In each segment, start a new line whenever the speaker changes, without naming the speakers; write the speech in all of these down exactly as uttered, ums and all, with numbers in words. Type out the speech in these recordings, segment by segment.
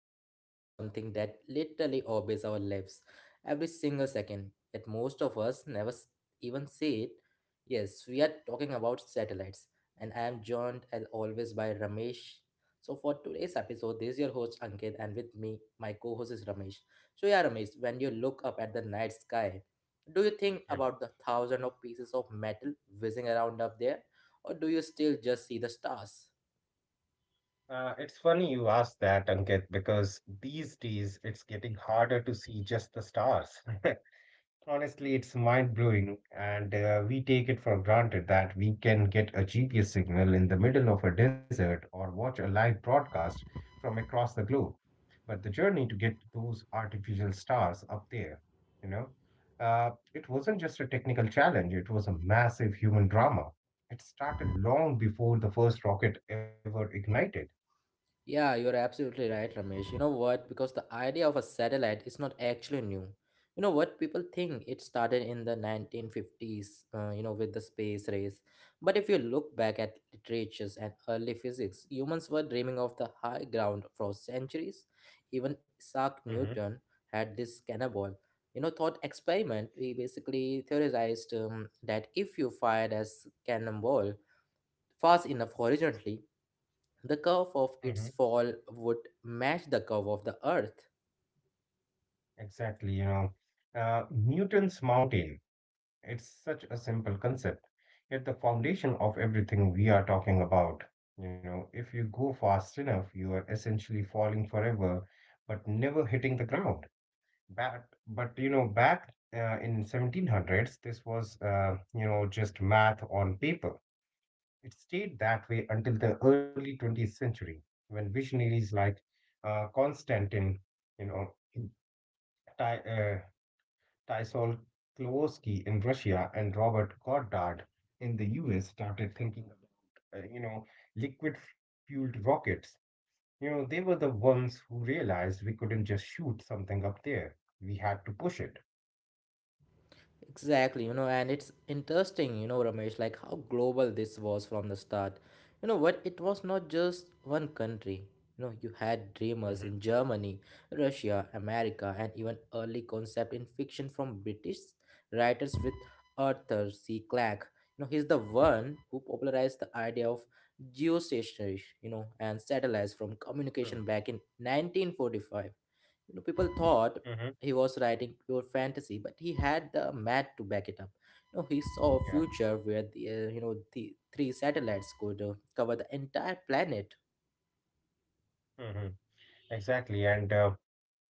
are diving into something that literally obeys our lives every single second, yet most of us never s- even see it. Yes, we are talking about satellites, and I am joined as always by Ramesh. So, for today's episode, this is your host Ankit, and with me, my co host is Ramesh. So, yeah, Ramesh, when you look up at the night sky, do you think
Yeah.
about the thousand of pieces of metal whizzing around up there, or do you still just see the stars?
Uh, it's funny you asked that, Ankit, because these days it's getting harder to see just the stars. Honestly, it's mind-blowing, and uh, we take it for granted that we can get a G P S signal in the middle of a desert or watch a live broadcast from across the globe. But the journey to get those artificial stars up there, you know, uh, it wasn't just a technical challenge, it was a massive human drama. It started long before the first rocket ever ignited.
Yeah, you're absolutely right, Ramesh. You know what? Because the idea of a satellite is not actually new. You know what? People think it started in the nineteen fifties, uh, you know, with the space race. But if you look back at literatures and early physics, humans were dreaming of the high ground for centuries. Even Isaac Newton had this cannonball, you know, thought experiment. He basically theorized um, that if you fired a s- cannonball fast enough horizontally, the curve of
Mhm.
its fall would match the curve of the Earth.
Exactly, you know, uh, Newton's mountain. It's such a simple concept, yet the foundation of everything we are talking about. You know, if you go fast enough, you are essentially falling forever, but never hitting the ground. Back, but you know, back uh, in seventeen hundreds, this was, uh, you know just math on paper. It stayed that way until the early twentieth century, when visionaries like uh, Constantine, you know, Ty- uh, Tysol Klowoski in Russia and Robert Goddard in the U S started thinking about, uh, you know, liquid fueled rockets. You know, they were the ones who realized we couldn't just shoot something up there. We had to push it.
Exactly, you know, and it's interesting, you know, Ramesh, like how global this was from the start. You know what? It was not just one country. You know, you had
Mm-hmm.
dreamers in Germany, Russia, America, and even early concept in fiction from British writers with Arthur C. Clarke. You know, he's the one who popularized the idea of geostationary, you know, and satellites from communication back in nineteen forty-five. You know, people thought
Mm-hmm.
he was writing pure fantasy, but he had the math to back it up. You know, he saw a
Yeah.
future where the uh, you know the three satellites could uh, cover the entire planet.
Mm-hmm. Exactly. And uh,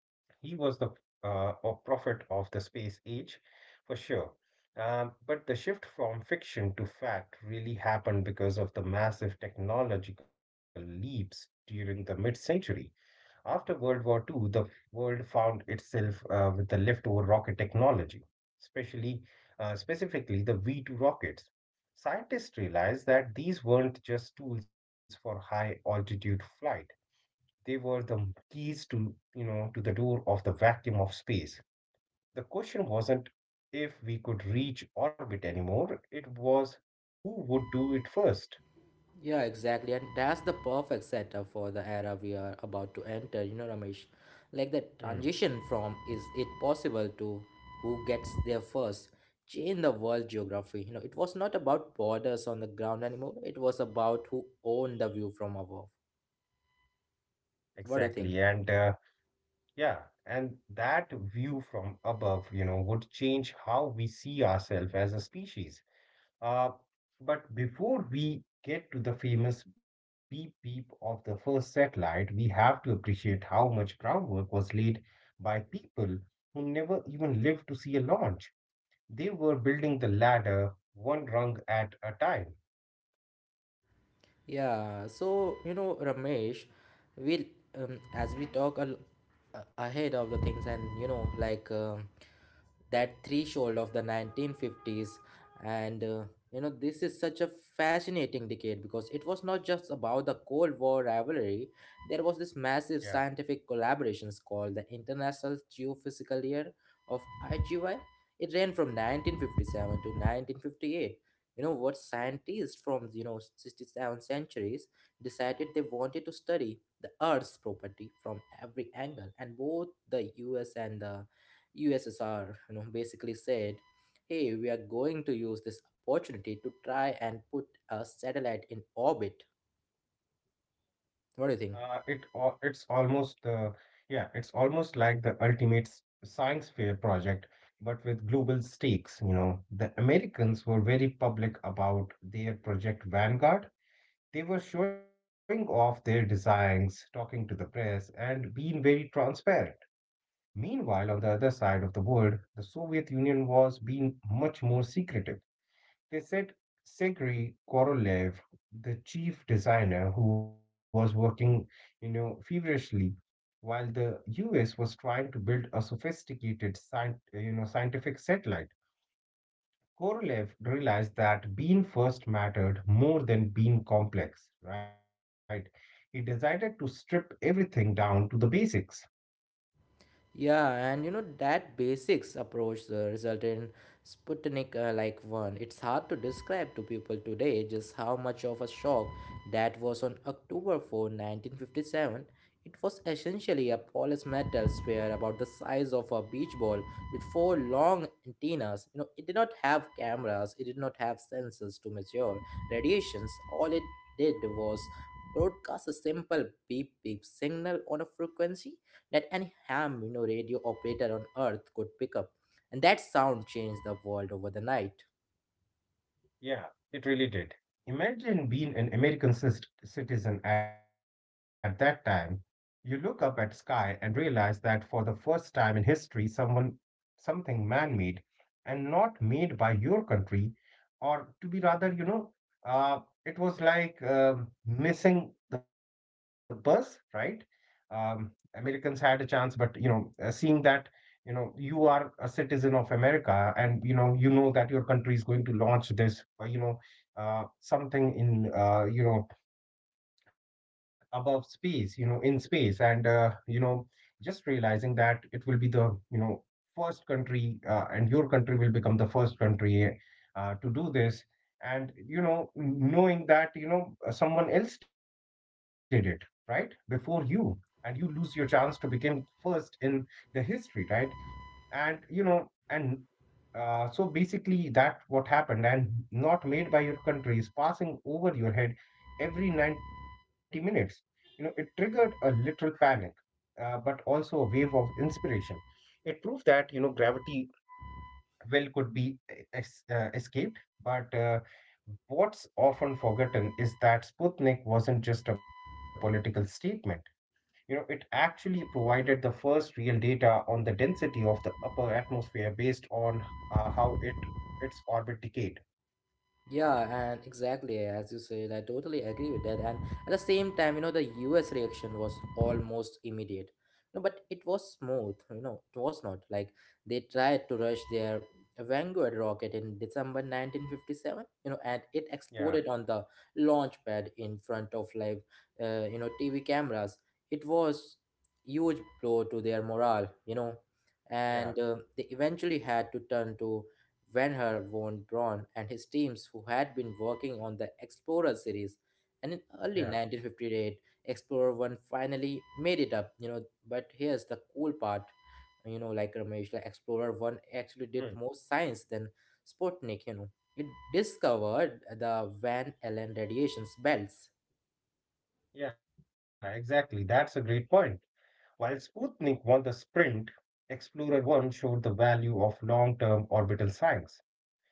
He was the uh, a prophet of the space age, for sure. Um, but the shift from fiction to fact really happened because of the massive technological leaps during the mid-century. After World War Two, the world found itself, uh, with the leftover rocket technology, especially uh, specifically the V two rockets. Scientists realized that these weren't just tools for high altitude flight. They were the keys to, you know, to the door of the vacuum of space. The question wasn't if we could reach orbit anymore, it was who would do it first.
Yeah, exactly, and that's the perfect setup for the era we are about to enter. You know, Ramesh, like the
Hmm.
transition from "Is it possible?" to "Who gets there first?" change the world geography. You know, it was not about borders on the ground anymore. It was about who owned the view from above.
Exactly.
What do you
And
think?
uh, yeah, and that view from above, you know, would change how we see ourselves as a species. Uh, but before we get to the famous beep beep of the first satellite, we have to appreciate how much groundwork was laid by people who never even lived to see a launch. They were building the ladder one rung at a time.
Yeah, so you know, Ramesh, we'll um, as we talk al- a- ahead of the things, and you know, like um that threshold of the nineteen fifties, and uh, you know, this is such a fascinating decade because it was not just about the Cold War rivalry, there was this
Yeah,
massive scientific collaborations called the International Geophysical Year of I G Y. It ran from nineteen fifty-seven to nineteen fifty-eight. You know what, scientists from, you know, sixty-seven centuries decided they wanted to study the earth's property from every angle, and both the US and the USSR, you know, basically said, hey, we are going to use this opportunity to try and put a satellite in orbit.
uh,
What do you
it
think?
al- it's almost uh, yeah, it's almost like the ultimate s- science fair project, but with global stakes. You know, the Americans were very public about their project Vanguard. They were showing off their designs, talking to the press, and being very transparent. Meanwhile, on the other side of the world, the Soviet Union was being much more secretive. They said Sergei Korolev, the chief designer who was working, you know, feverishly, while the U S was trying to build a sophisticated, scient- you know, scientific satellite. Korolev realized that being first mattered more than being complex, right? He decided to strip everything down to the basics.
Yeah, and you know that basics approach uh, resulted in Sputnik uh, like one. It's hard to describe to people today just how much of a shock that was on October fourth, nineteen fifty-seven. It was essentially a polished metal sphere about the size of a beach ball with four long antennas. You know, it did not have cameras, it did not have sensors to measure radiations. All it did was broadcast a simple beep beep signal on a frequency that any ham, you know, radio operator on earth could pick up, and that sound changed the world over the night.
Yeah, it really did. Imagine being an American cist- citizen at that time. You look up at sky and realize that for the first time in history, someone something man-made and not made by your country, or to be rather, you know, uh, it was like um missing the bus, right? Um, Americans had a chance, but you know, uh, seeing that you know you are a citizen of America, and you know you know that your country is going to launch this, uh, you know uh, something in, uh, you know above space, you know in space, and uh, you know just realizing that it will be the, you know first country, uh, and your country will become the first country uh, to do this, and you know knowing that, you know uh, someone else did it right before you and you lose your chance to become first in the history, right? And you know and uh, so basically that what happened, and not made by your country, is passing over your head every ninety minutes. You know it triggered a literal panic, uh, but also a wave of inspiration. It proved that, you know gravity well could be e-, es- uh, escaped. But uh, what's often forgotten is that Sputnik wasn't just a political statement. You know, it actually provided the first real data on the density of the upper atmosphere based on uh, how it its orbit decayed.
Yeah, and exactly as you said, I totally agree with that. And at the same time, you know, the U S reaction was almost immediate. No, but it was smooth, you know, it was not. Like they tried to rush their Vanguard rocket in December nineteen fifty-seven, you know, and it
Yeah,
exploded on the launch pad in front of live, uh, you know, T V cameras. It was huge blow to their morale, you know,
yeah,
and uh, they eventually had to turn to Wernher von Braun and his teams, who had been working on the Explorer series, and in early
yeah.
nineteen fifty-eight, Explorer one finally made it up, you know. But here's the cool part, you know, like Ramesh, the Explorer one
Hmm.
actually did more science than Sputnik, you know. It discovered the Van Allen radiations belts.
Yeah, exactly. That's a great point. While Sputnik won the sprint, Explorer one showed the value of long-term orbital science.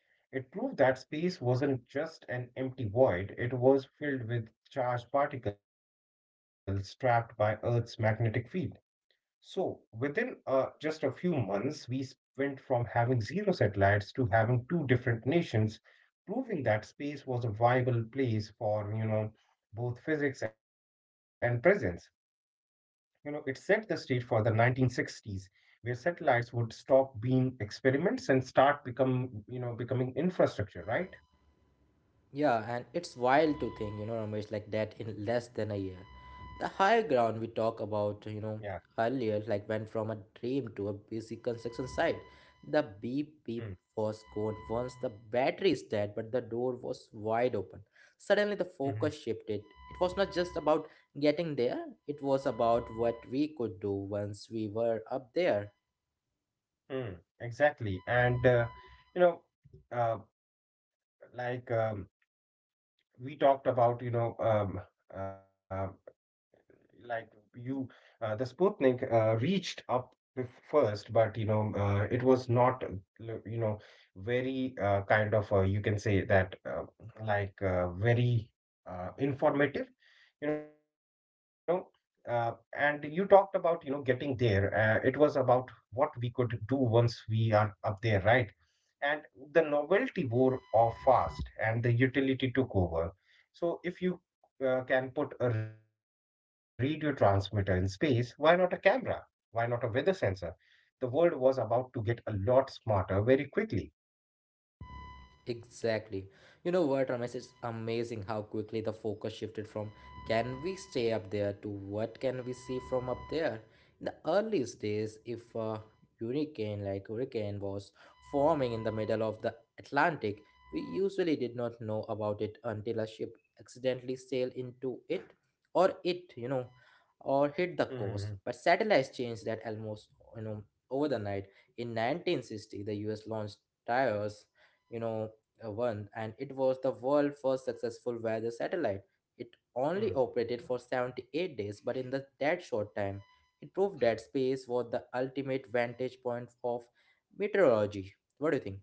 It proved that space wasn't just an empty void, it was filled with charged particles trapped by Earth's magnetic field. So, within uh, just a few months, we went from having zero satellites to having two different nations, proving that space was a viable place for, you know, both physics and presence. You know, it set the stage for the nineteen sixties, where satellites would stop being experiments and start become, you know, becoming infrastructure, right?
Yeah, and it's wild to think, you know, Ramesh, like that in less than a year. The high
Yeah.
ground we talked about, you know, earlier, like went from a dream to a busy construction site. The
Mm.
beep beep was gone once the battery is dead, but the door was wide open. Suddenly, the
Mhm.
focus shifted. It was not just about getting there, it was about what we could do once we were up there.
Mm. Exactly. And, uh, you know, uh, like, um, we talked about, you know um, um, like, you uh, the Sputnik uh, reached up bef- first, but you know uh, it was not, uh, l- you know very, uh, kind of, uh, you can say that, uh, like, uh, very, uh, informative, you know. Uh, and you talked about you know getting there. Uh, it was about what we could do once we are up there, right? And the novelty wore off fast and the utility took over. So if you, uh, can put a radio transmitter in space, why not a camera? Why not a weather sensor? The world was about to get a lot smarter very quickly.
Exactly. You know what, Ramesh? It's amazing how quickly the focus shifted from can we stay up there to what can we see from up there. In the earliest days, if a hurricane like hurricane was forming in the middle of the Atlantic, we usually did not know about it until a ship accidentally sailed into it, or it, you know, or hit the
Mhm.
coast. But satellites changed that almost, you know, over the night. In nineteen sixty, the U S launched tires, you know, uh, one, and it was the world's first successful weather satellite. It only
Mhm.
operated for seventy-eight days, but in the, that short time, it proved that space was the ultimate vantage point of meteorology. What do you think?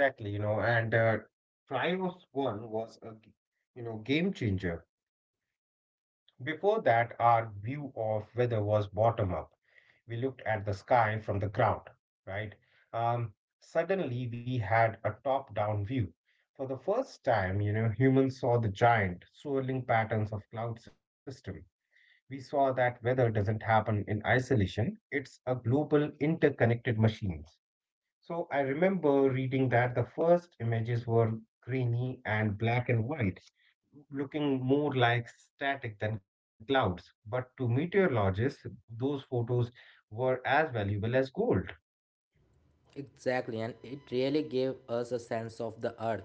Exactly, you know, and uh, Trios one was a g- you know game changer. Before that, our view of weather was bottom up. We looked at the sky from the ground, right? Um, Suddenly, we had a top down view. For the first time, you know, humans saw the giant swirling patterns of cloud system. We saw that weather doesn't happen in isolation. It's a global interconnected machines. So I remember reading that the first images were grainy and black and white, looking more like static than clouds. But to meteorologists, those photos were as valuable as gold.
Exactly, and it really gave us a sense of the earth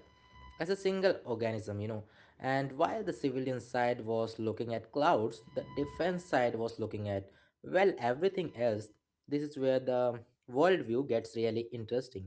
as a single organism, you know. And while the civilian side was looking at clouds, the defense side was looking at, well, everything else. This is where the worldview gets really interesting.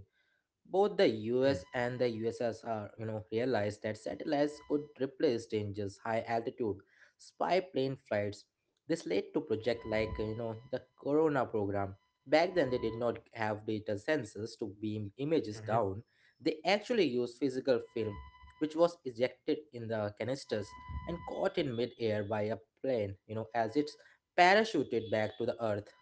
Both the
Mm.
U S and the U S S R, you know, realized that satellites could replace dangerous high altitude spy plane flights. This led to projects like, uh, you know, the Corona program. Back then, they did not have data sensors to beam images
Mhm.
down. They actually used physical film, which was ejected in the canisters and caught in midair by a plane, you know, as it parachuted back to the Earth.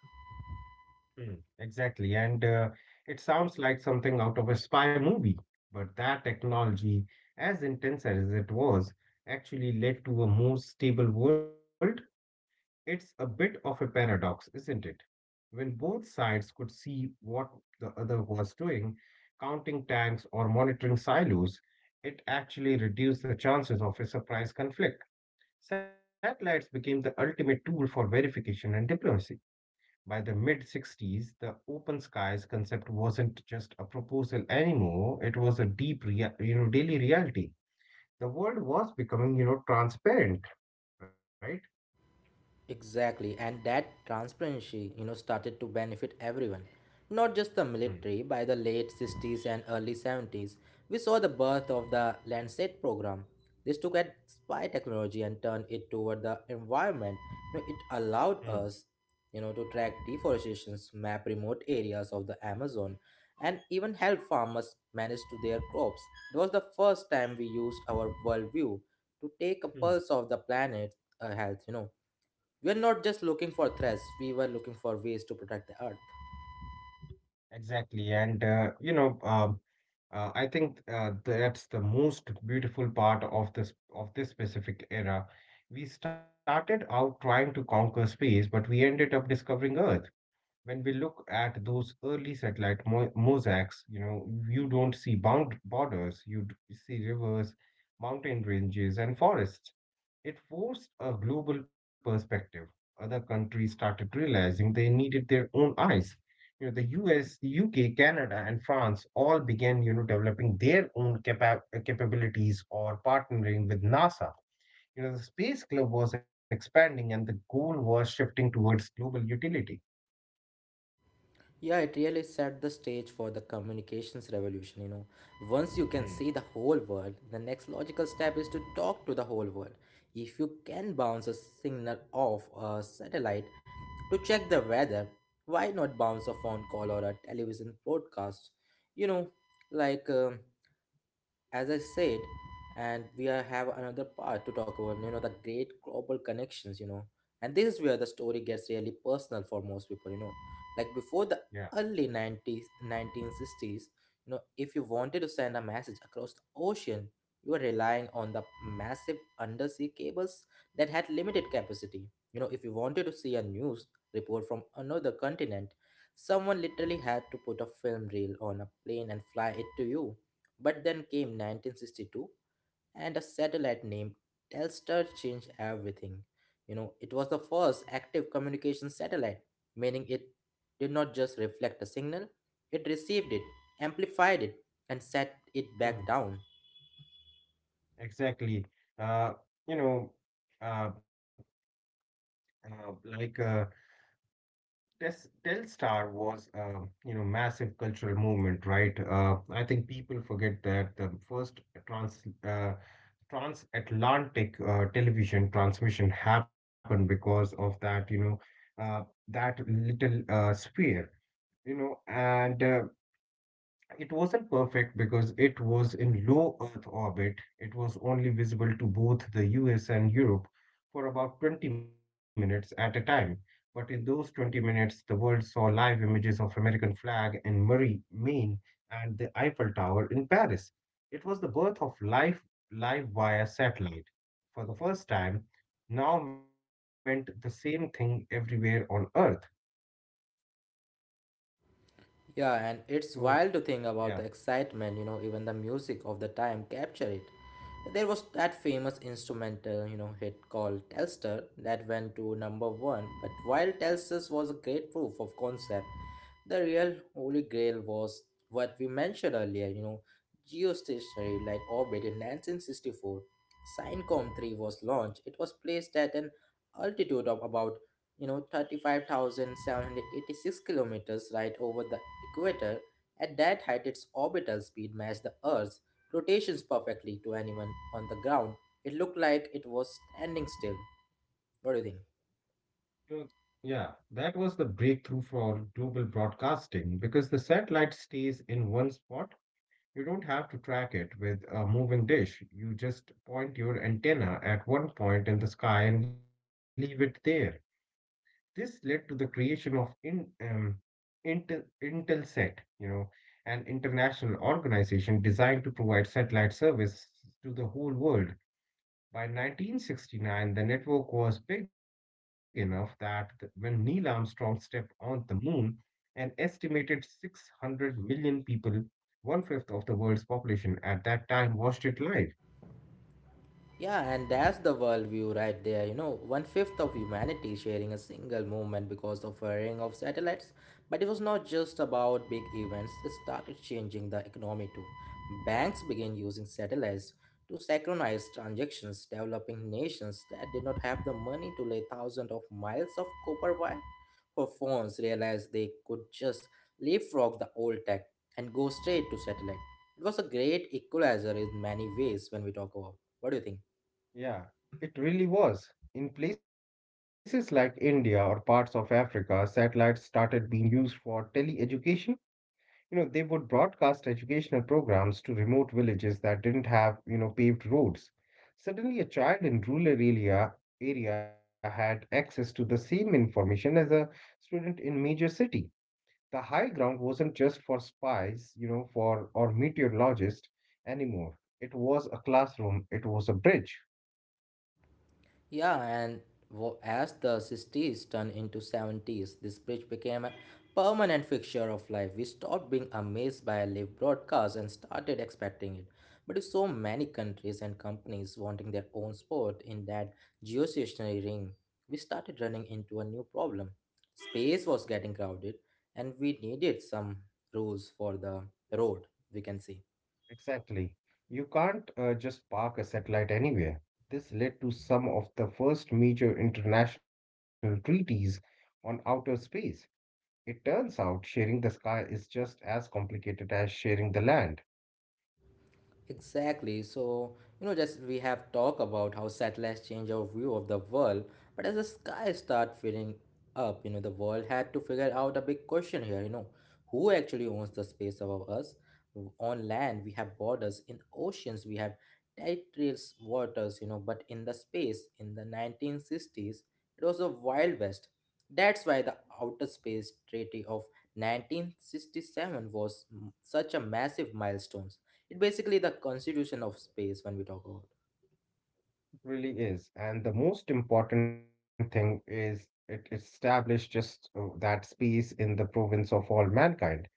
Mm. Exactly. And uh, it sounds like something out of a spy movie. But that technology, as intense as it was, actually led to a more stable world. It's a bit of a paradox, isn't it? When both sides could see what the other was doing, counting tanks or monitoring silos, it actually reduced the chances of a surprise conflict. Satellites became the ultimate tool for verification and diplomacy. By the mid sixties, the open skies concept wasn't just a proposal anymore, it was a deep, rea- you know, daily reality. The world was becoming, you know, transparent, right?
Exactly, and that transparency, you know, started to benefit everyone, not just the
Mm.
military. By the late sixties and early seventies, we saw the birth of the Landsat program. This took at spy technology and turned it toward the environment. You know, it
Mm.
allowed us, you know, to track deforestations, map remote areas of the Amazon, and even help farmers manage to their crops. It was the first time we used our worldview to take a
Mm.
pulse of the planet uh, health. You know, we're not just looking for threats, we were looking for ways to protect the earth.
Exactly. And, uh, you know, um, Uh, I think uh, that's the most beautiful part of this of this specific era. We started out trying to conquer space, but we ended up discovering Earth. When we look at those early satellite mo mosaics, you know, you don't see bound borders. You d- see rivers, mountain ranges, and forests. It forced a global perspective. Other countries started realizing they needed their own eyes. You know, the U S, the U K, Canada, and France all began, you know, developing their own capa- uh, capabilities or partnering with NASA. You know, the space club was expanding and the goal was shifting towards global utility.
Yeah, it really set the stage for the communications revolution, you know. Once you can see the
Hmm.
whole world, the next logical step is to talk to the whole world. If you can bounce a signal off a satellite to check the weather, why not bounce a phone call or a television broadcast? You know, like. Um as I said, and we are have another part to talk about, you know, the great global connections, you know. And this is where the story gets really personal for most people, you know. Like before the
Yeah.
early nineties, nineteen sixties, you know, if you wanted to send a message across the ocean, you were relying on the massive undersea cables that had limited capacity. You know, if you wanted to see a news report from another continent, someone literally had to put a film reel on a plane and fly it to you. But then came nineteen sixty-two, and a satellite named Telstar changed everything. You know, it was the first active communication satellite, meaning it did not just reflect a signal, it received it, amplified it, and set it
Hmm.
back down.
Exactly. Uh, you know, uh, uh, like uh, Tes- Telstar was a, you know massive cultural movement, right? Uh, I think people forget that the first trans uh, transatlantic uh, television transmission happened because of that, you know uh, that little uh, sphere, you know, and uh, it wasn't perfect because it was in low Earth orbit. It was only visible to both the U S and Europe for about twenty minutes at a time. But in those twenty minutes, the world saw live images of American flag in Murray, Maine, and the Eiffel Tower in Paris. It was the birth of life live via satellite. For the first time, now meant the same thing everywhere on Earth.
Yeah, and
So,
it's wild to
yeah.
think about the excitement, you know, even the music of the time capture it. There was that famous instrumental, you know, hit called Telstar that went to number one. But while Telstar was a great proof of concept, the real holy grail was what we mentioned earlier, you know, geostationary like orbit in nineteen sixty-four. Syncom three was launched. It was placed at an altitude of about, you know, thirty-five thousand, seven hundred eighty-six kilometers right over the equator. At that height, its orbital speed matched the Earth's rotations perfectly to anyone on the ground. It looked like it was standing still. What do you think?
Well, yeah, that was the breakthrough for global broadcasting because the satellite stays in one spot. You don't have to track it with a moving dish. You just point your antenna at one point in the sky and leave it there. This led to the creation of in, um, Intel, Intelsat, you know, an international organization designed to provide satellite service to the whole world. By nineteen sixty-nine, the network was big enough that when Neil Armstrong stepped on the moon, an estimated six hundred million people, one fifth of the world's population at that time, watched it live.
Yeah, and that's the worldview right there. You know, one fifth of humanity sharing a single moment because of a ring of satellites. But it was not just about big events, it started changing the economy too. Banks began using satellites to synchronize transactions, developing nations that did not have the money to lay thousands of miles of copper wire for phones realized they could just leapfrog the old tech and go straight to satellite. It was a great equalizer in many ways when we talk about. What do you think?
Yeah, it really was. In places like India or parts of Africa, satellites started being used for tele-education. You know they would broadcast educational programs to remote villages that didn't have you know paved roads. Suddenly, a child in rural area area had access to the same information as a student in major city. The high ground wasn't just for spies, you know for or meteorologists anymore. It was a classroom, it was a bridge.
Yeah, and wo- as the sixties turned into seventies, this bridge became a permanent fixture of life. We stopped being amazed by live broadcasts and started expecting it. But with so many countries and companies wanting their own sport in that geostationary ring, we started running into a new problem. Space was getting crowded, and we needed some rules for the road, we can say.
Exactly. You can't uh, just park a satellite anywhere. This led to some of the first major international treaties on outer space. It turns out sharing the sky is just as complicated as sharing the land.
Exactly. So, you know, just we have talked about how satellites change our view of the world, but as the sky start filling up, you know, the world had to figure out a big question here, you know, who actually owns the space above us? On land, we have borders. In oceans, we have territorial waters, you know, but in the space, in the nineteen sixties, it was a wild west. That's why the Outer Space Treaty of nineteen sixty-seven was m- such a massive milestone. It's basically the constitution of space, when we talk about.
It really is. And the most important thing is it established just uh, that space in the province of all mankind.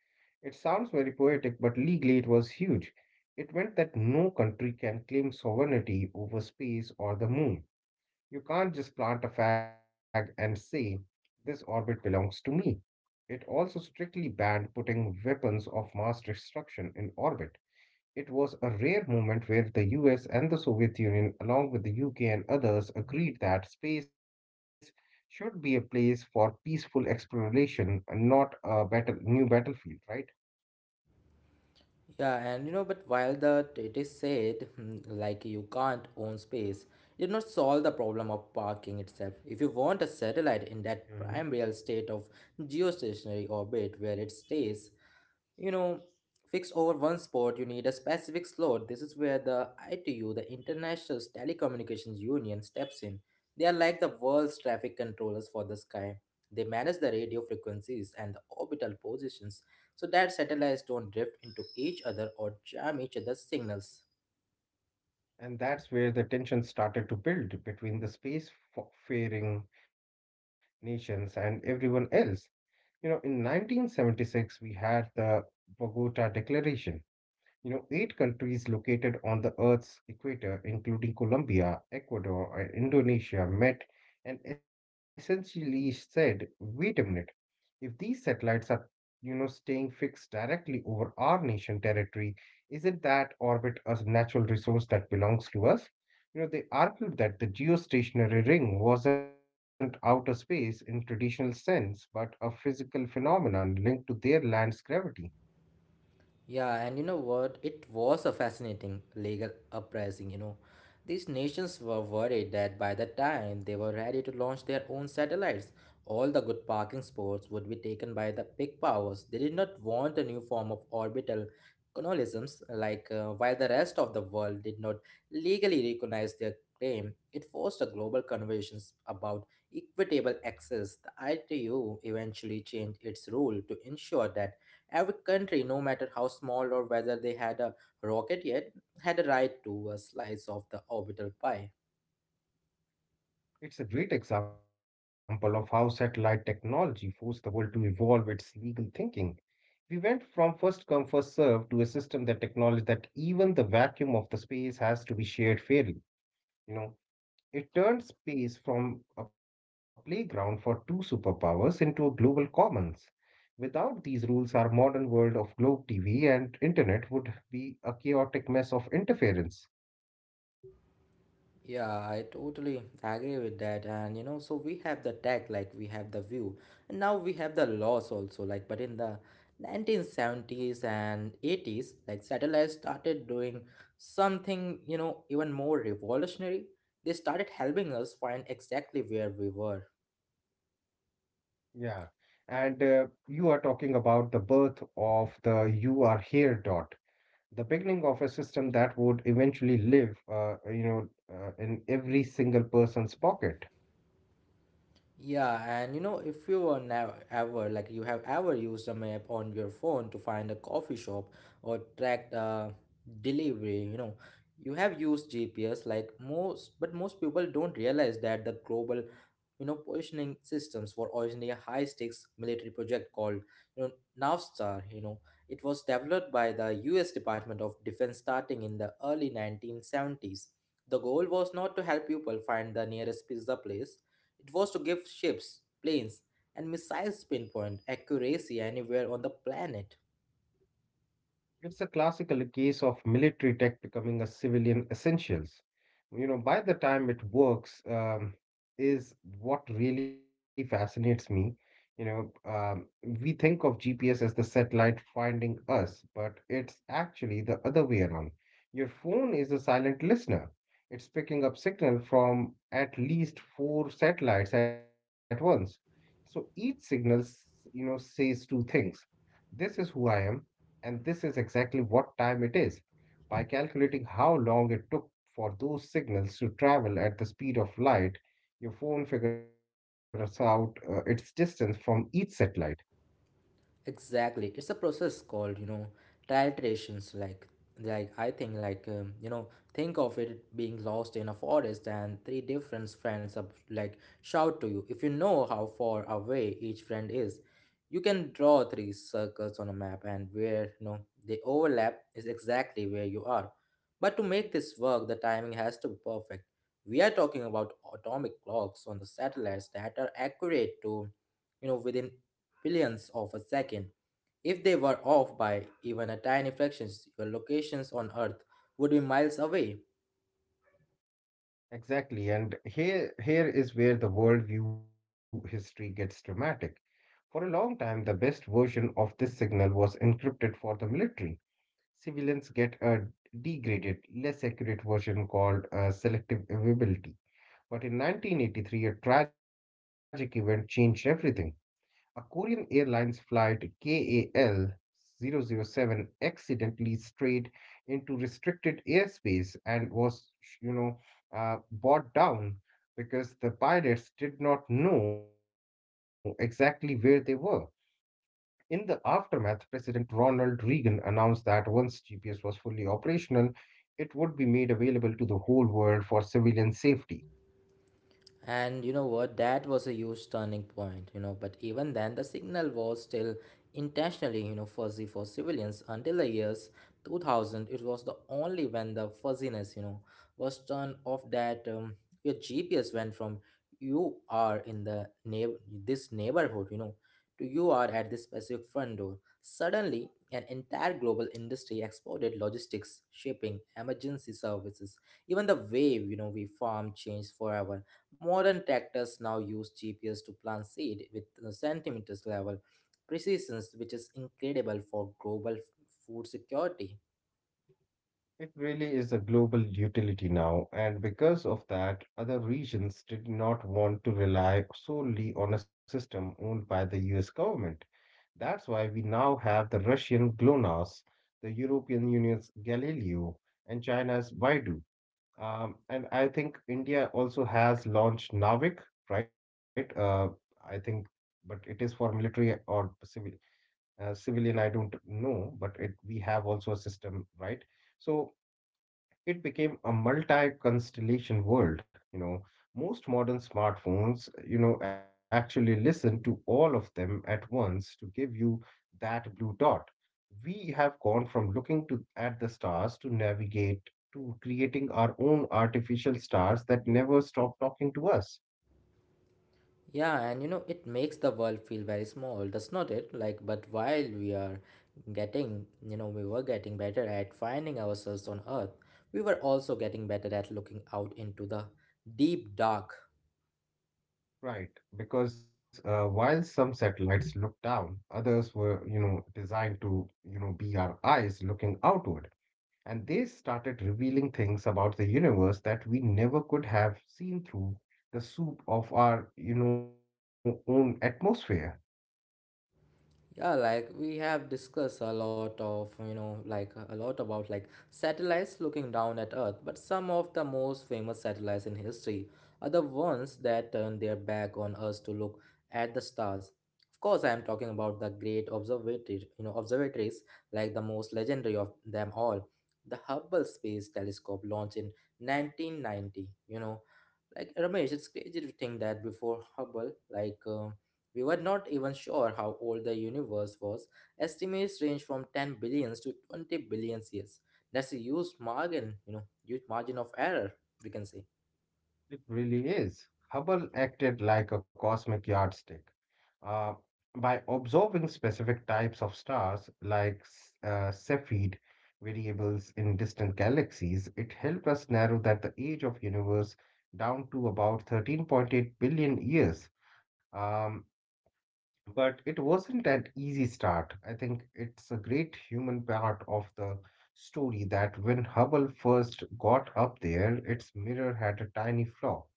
It sounds very poetic, but legally it was huge. It meant that no country can claim sovereignty over space or the moon. You can't just plant a flag and say, this orbit belongs to me. It also strictly banned putting weapons of mass destruction in orbit. It was a rare moment where the U S and the Soviet Union, along with the U K and others, agreed that space should be a place for peaceful exploration and not a battle, new battlefield, right?
Yeah, and you know, but while the it is said, hmm, like, you can't own space, it did not solve the problem of parking itself. If you want a
hmm
satellite in that prime real state of geostationary orbit where it stays, you know, fix over one sport, you need a specific slot. This is where the ITU, the international telecommunications union, steps in. They are like the world's traffic controllers for the sky. They manage the radio frequencies and the orbital positions so that satellites don't drift into each other or jam each other's signals.
And that's where the tension started to build between the spacefaring nations and everyone else. You know, in nineteen seventy-six, we had the Bogota Declaration. You know, eight countries located on the Earth's equator, including Colombia, Ecuador, and Indonesia, met and essentially said, wait a minute, if these satellites are, you know, staying fixed directly over our nation territory, isn't that orbit a natural resource that belongs to us? You know, they argued that the geostationary ring wasn't outer space in traditional sense, but a physical phenomenon linked to their land's gravity.
Yeah, and you know what? It was a fascinating legal uprising, you know. These nations were worried that by the time they were ready to launch their own satellites, all the good parking spots would be taken by the big powers. They did not want a new form of orbital colonialisms, like, uh, while the rest of the world did not legally recognize their claim. It forced a global conversations about equitable access. The I T U eventually changed its rule to ensure that every country, no matter how small or whether they had a rocket yet, had a right to a slice of the orbital pie.
It's a great example of how satellite technology forced the world to evolve its legal thinking. We went from first come first serve to a system that acknowledged that even the vacuum of the space has to be shared fairly. You know, it turned space from a playground for two superpowers into a global commons. Without these rules, our modern world of globe T V and internet would be a chaotic mess of interference.
Yeah, I totally agree with that. And you know, so we have the tech, like we have the view, and now we have the laws also. Like, but in the nineteen seventies and eighties, like satellites started doing something, you know, even more revolutionary. They started helping us find exactly where we were.
Yeah. And uh, you are talking about the birth of the you are here dot, the beginning of a system that would eventually live, uh, you know, uh, in every single person's pocket.
Yeah, and you know, if you are never ever, like, you have ever used a map on your phone to find a coffee shop or track the delivery, you know, you have used G P S, like most, but most people don't realize that the global, you know, positioning systems were originally a high-stakes military project called, you know, Navstar. You know, it was developed by the U S. Department of Defense starting in the early nineteen seventies. The goal was not to help people find the nearest pizza place. It was to give ships, planes, and missiles pinpoint accuracy anywhere on the planet.
It's a classical case of military tech becoming a civilian essentials. You know by the time it works, um, is what really fascinates me. you know um, we think of GPS as the satellite finding us, but it's actually the other way around. Your phone is a silent listener. It's picking up signal from at least four satellites at once. So each signal s- you know, says two things. This is who I am, and this is exactly what time it is. By calculating how long it took for those signals to travel at the speed of light, your phone figures out uh, its distance from each satellite.
Exactly, it's a process called, you know, titrations. Like like I think, like um, you know, think of it being lost in a forest and three different friends up like shout to you. If you know how far away each friend is, you can draw three circles on a map, and where, you know, they overlap is exactly where you are. But to make this work, the timing has to be perfect. We are talking about atomic clocks on the satellites that are accurate to, you know, within billionths of a second. If they were off by even a tiny fraction, your locations on Earth would be miles away.
Exactly, and here here is where the worldview history gets dramatic. For a long time, the best version of this signal was encrypted for the military. Civilians get a degraded, less accurate version called uh, selective availability. But in nineteen eighty-three, a tragic event changed everything. A Korean Airlines flight K A L zero zero seven, accidentally strayed into restricted airspace and was, you know, uh, brought down because the pilots did not know exactly where they were. In the aftermath, President Ronald Reagan announced that once G P S was fully operational, it would be made available to the whole world for civilian safety.
And you know what? That was a huge turning point, you know. But even then, the signal was still intentionally, you know, fuzzy for civilians until the years two thousand. It was the only when the fuzziness, you know, was turned off that um, your G P S went from you are in the neigh- this neighborhood, you know, to you are at this specific front door. Suddenly, an entire global industry exploded: logistics, shipping, emergency services. Even the way, you know, we farm changed forever. Modern tractors now use G P S to plant seed with the centimeters level precision, which is incredible for global f- food security.
It really is a global utility now, and because of that, other regions did not want to rely solely on a system owned by the U S government. That's why we now have the Russian GLONASS, the European Union's Galileo, and China's Baidu. Um, and I think India also has launched Navik, right? Uh, I think, but it is for military or civil, uh, civilian, I don't know, but it, we have also a system, right? So it became a multi-constellation world. You know, most modern smartphones, you know, actually listen to all of them at once to give you that blue dot. We have gone from looking to at the stars to navigate, to creating our own artificial stars that never stop talking to us.
Yeah, and you know, it makes the world feel very small, does not it? Like, but while we are getting, you know, we were getting better at finding ourselves on Earth, we were also getting better at looking out into the deep dark.
Right, because uh, while some satellites looked down, others were, you know, designed to, you know, be our eyes looking outward. And they started revealing things about the universe that we never could have seen through the soup of our, you know, own atmosphere.
Yeah, like we have discussed a lot of, you know, like a lot about like satellites looking down at Earth, but some of the most famous satellites in history are the ones that turn their back on us to look at the stars. Of course, I am talking about the great observatory, you know, observatories like the most legendary of them all, the Hubble Space Telescope, launched in nineteen ninety. You know, like Ramesh, it's crazy to think that before Hubble, like, uh, we were not even sure how old the universe was. Estimates range from ten billions to twenty billion years. That's a huge margin, you know, huge margin of error, we can say.
It really is. Hubble acted like a cosmic yardstick. Uh, by observing specific types of stars like s- uh, Cepheid variables in distant galaxies, it helped us narrow that the age of universe down to about thirteen point eight billion years. Um, But it wasn't an easy start. I think it's a great human part of the story that when Hubble first got up there, its mirror had a tiny flaw,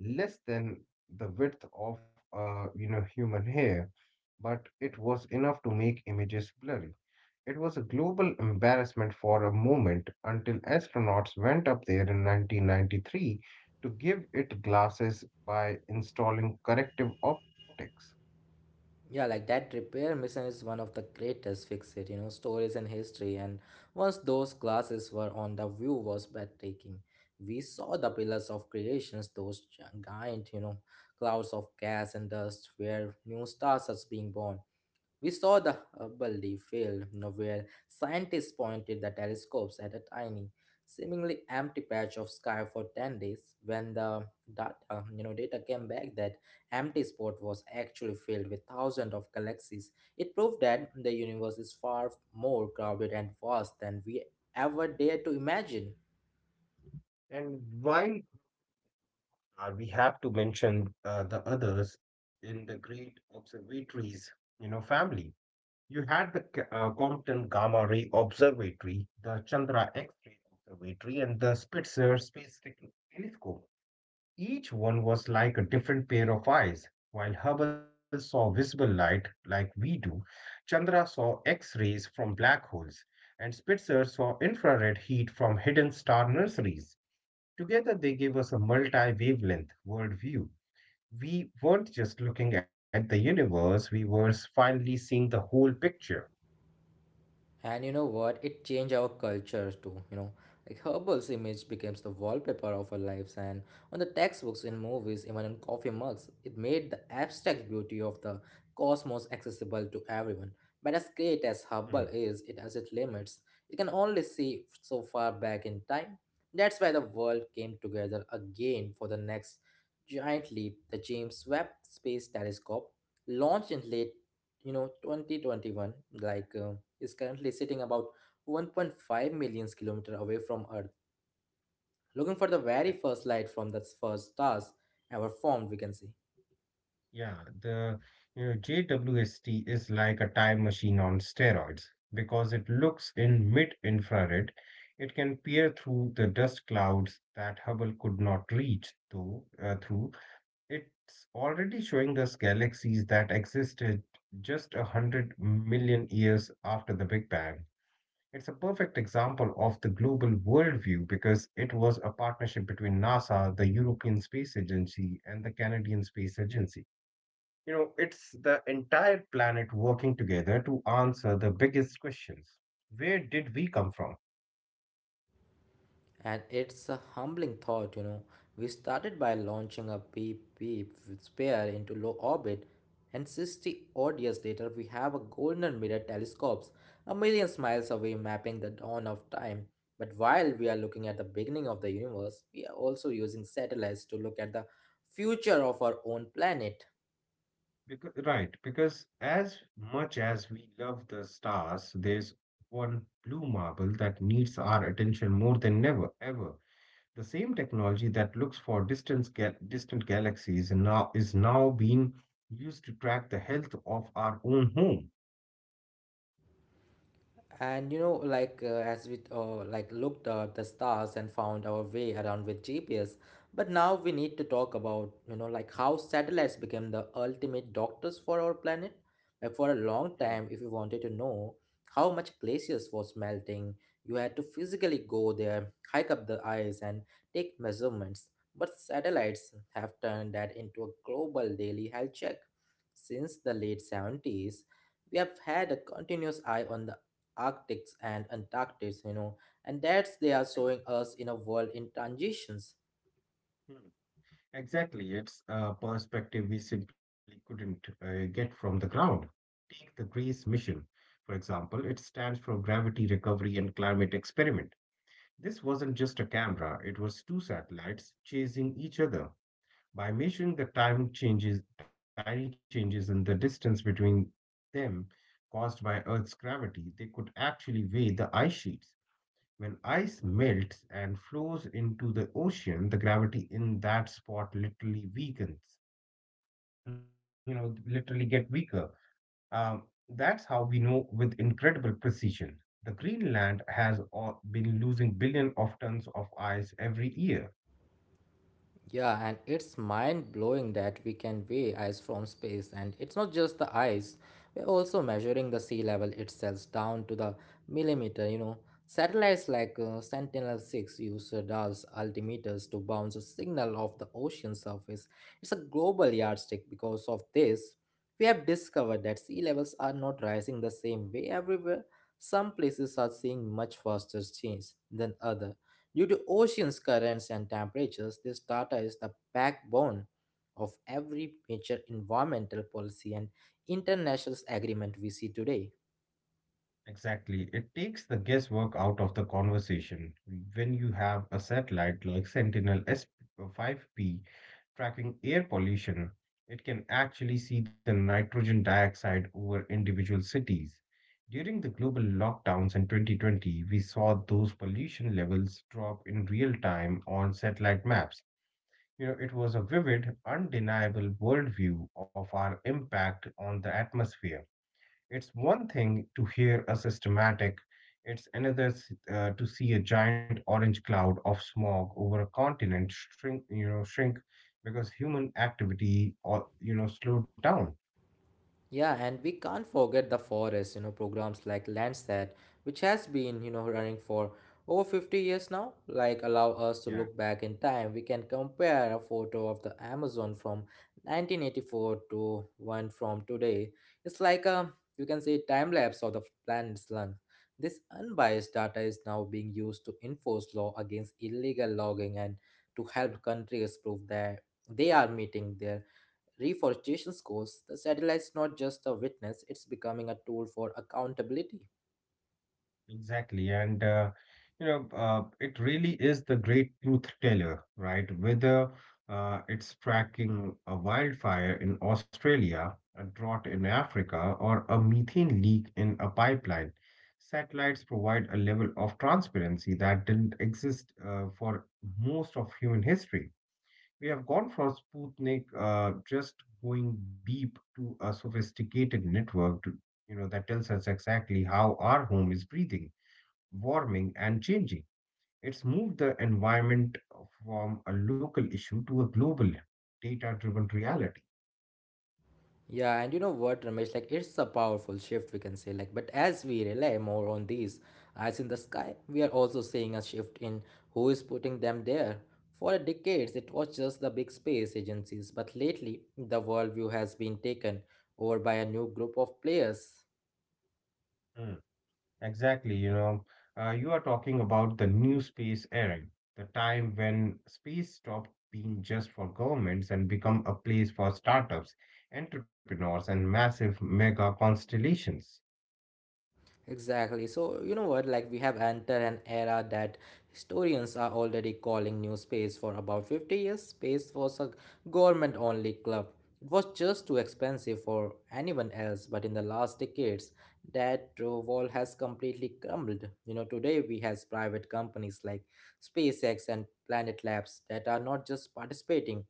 less than the width of a, you know, human hair, but it was enough to make images blurry. It was a global embarrassment for a moment until astronauts went up there in nineteen ninety-three to give it glasses by installing corrective optics.
Yeah, like that repair mission is one of the greatest fixed, you know, stories in history. And once those glasses were on, the view was breathtaking. We saw the pillars of creations, those giant, you know, clouds of gas and dust where new stars are being born. We saw the Hubble field, you know, where scientists pointed the telescopes at a tiny, seemingly empty patch of sky for ten days. When the data, uh, you know, data came back, that empty spot was actually filled with thousands of galaxies. It proved that the universe is far more crowded and vast than we ever dared to imagine.
And while Uh, we have to mention uh, the others in the great observatories, you know, family. You had the K- uh, Compton Gamma Ray Observatory, the Chandra X-ray Observatory, and the Spitzer Space Tec- Telescope. Each one was like a different pair of eyes. While Hubble saw visible light like we do, Chandra saw X-rays from black holes, and Spitzer saw infrared heat from hidden star nurseries. Together, they gave us a multi wavelength worldview. We weren't just looking at the universe, we were finally seeing the whole picture.
And you know what? It changed our cultures too, you know. Like herbals image becomes the wallpaper of our lives and on the textbooks, in movies, even in coffee mugs. It made the abstract beauty of the cosmos accessible to everyone. But as great as
Mm.
herbal is, it has its limits. You can only see so far back in time. That's why the world came together again for the next giant leap, the James Webb Space Telescope, launched in late, you know, twenty twenty-one, like, uh, is currently sitting about one point five million kilometer away from Earth, looking for the very first light from the first stars ever formed, we can say.
Yeah, the, you know, J W S T is like a time machine on steroids because it looks in mid-infrared. It can peer through the dust clouds that Hubble could not reach though uh, through. It's already showing us galaxies that existed just a hundred million years after the Big Bang. It's a perfect example of the global worldview because it was a partnership between NASA, the European Space Agency, and the Canadian Space Agency. You know, it's the entire planet working together to answer the biggest questions. Where did we come from?
And it's a humbling thought, you know. We started by launching a beep beep sphere into low orbit, and sixty odd years later, we have a golden mirror telescopes a million miles away mapping the dawn of time. But while we are looking at the beginning of the universe, we are also using satellites to look at the future of our own planet.
Because, right, because as much as we love the stars, there's one blue marble that needs our attention more than never, ever. The same technology that looks for distance gal- distant galaxies and now is now being used to track the health of our own home.
And you know, like, uh, as we uh, like looked at the stars and found our way around with G P S, but now we need to talk about, you know, like how satellites became the ultimate doctors for our planet. Like for a long
Hmm,
time, if you wanted to know how much glaciers was melting, you had to physically go there, hike up the ice, and take measurements. But satellites have turned that into a global daily health check. Since the late seventies, we have had a continuous eye on the Arctics and Antarctics, you know, and that's they are
yeah,
showing us in a world in transitions.
hmm. Exactly, it's a perspective we simply couldn't uh, get from the ground. Take the GRACE mission, for example. It stands for Gravity Recovery and Climate Experiment. This wasn't just a camera; it was two satellites chasing each other. By measuring the time changes, tiny changes in the distance between them caused by Earth's gravity, they could actually weigh the ice sheets. When ice melts and flows into the ocean, the gravity in that spot literally weakens, you know, literally get weaker. Um, that's how we know with incredible precision. The Greenland has uh, been losing billion of tons of ice every year.
Yeah, and it's mind blowing that we can weigh ice from space, and it's not just the ice, we're also measuring the sea level itself down to the millimeter. You know, satellites like, uh, Sentinel six use radars, altimeters to bounce a signal off the ocean surface. It's a global yardstick. Because of this, we have discovered that sea levels are not rising the same way everywhere. Some places are seeing much faster change than others. Due to oceans, currents, and temperatures, this data is the backbone of every major environmental policy and international agreement we see today.
Exactly. It takes the guesswork out of the conversation. When you have a satellite like Sentinel S five P tracking air pollution, it can actually see the nitrogen dioxide over individual cities. During the global lockdowns in twenty twenty, we saw those pollution levels drop in real time on satellite maps. You know, it was a vivid, undeniable worldview of our impact on the atmosphere. It's one thing to hear a systematic, it's another uh, to see a giant orange cloud of smog over a continent shrink, you know, shrink because human activity or, you know, slowed down.
Yeah, and we can't forget the forest, you know. Programs like Landsat, which has been, you know, running for over fifty years now, like allow us to
Yeah.
look back in time. We can compare a photo of the Amazon from nineteen eighty-four to one from today. It's like a, you can say, time lapse of the planet's lung. This unbiased data is now being used to enforce law against illegal logging and to help countries prove that they are meeting their reforestation goals. The satellite's not just a witness, it's becoming a tool for accountability.
Exactly. And, uh, you know, uh, it really is the great truth teller, right? Whether uh, it's tracking a wildfire in Australia, a drought in Africa, or a methane leak in a pipeline, satellites provide a level of transparency that didn't exist uh, for most of human history. We have gone from Sputnik uh, just going beep to a sophisticated network to, you know, that tells us exactly how our home is breathing, warming and changing. It's moved the environment from a local issue to a global data driven reality.
Yeah, and you know what, Ramesh, like it's a powerful shift, we can say, like, but as we rely more on these eyes in the sky, we are also seeing a shift in who is putting them there. For decades, it was just the big space agencies, but lately, the worldview has been taken over by a new group of players.
Mm, exactly. You know, uh, you are talking about the new space era, the time when space stopped being just for governments and become a place for startups, entrepreneurs, and massive mega constellations.
Exactly. So, you know what? Like, we have entered an era that historians are already calling new space. For about fifty years, space was a government only club. It was just too expensive for anyone else, but in the last decades, that uh, wall has completely crumbled. You know, today we has private companies like SpaceX and Planet Labs that are not just participating,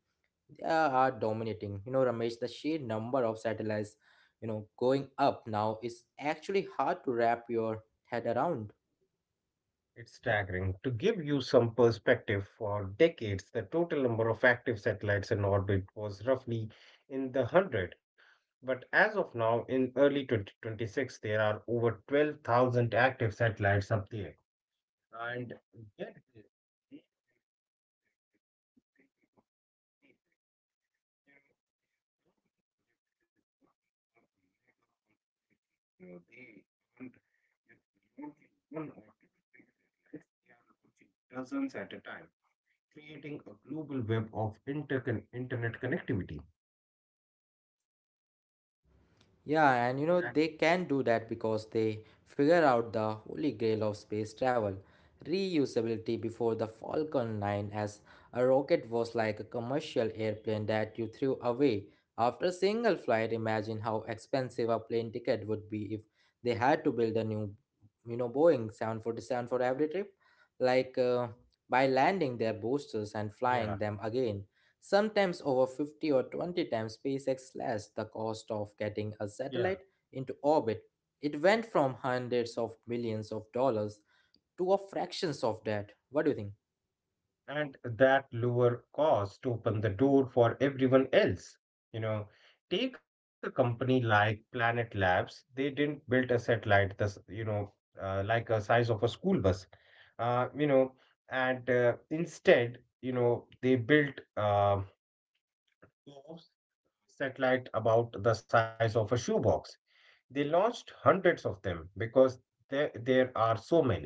uh, are dominating. You know, Ramesh, the sheer number of satellites, you know, going up now is actually hard to wrap your head around.
It's staggering. To give you some perspective, for decades, the total number of active satellites in orbit was roughly in the hundred. But as of now, in early twenty twenty-six, there are over twelve thousand active satellites up there. And get this, these people, you know, they aren't just launching one or two big satellites, they are launching dozens at a time, creating a global web of intercon- internet connectivity.
Yeah, and you know,
And-
they can do that because they figure out the holy grail of space travel reusability. Before the Falcon nine, as a rocket was like a commercial airplane that you threw away after a single flight. Imagine how expensive a plane ticket would be if they had to build a new, you know, Boeing seven forty-seven for every trip. Like uh, by landing their boosters and
Yeah,
flying them again, sometimes over fifty or twenty times, SpaceX slashed the cost of getting a
yeah.
satellite into orbit. It went from hundreds of millions of dollars to a fractions of that. What do you think?
And that lower cost open the door for everyone else. You know, Take a company like Planet Labs. They didn't build a satellite that's, you know, uh, like a size of a school bus. Uh, you know, and uh, Instead, you know, they built uh, satellite about the size of a shoebox. They launched hundreds of them because there, there are so many.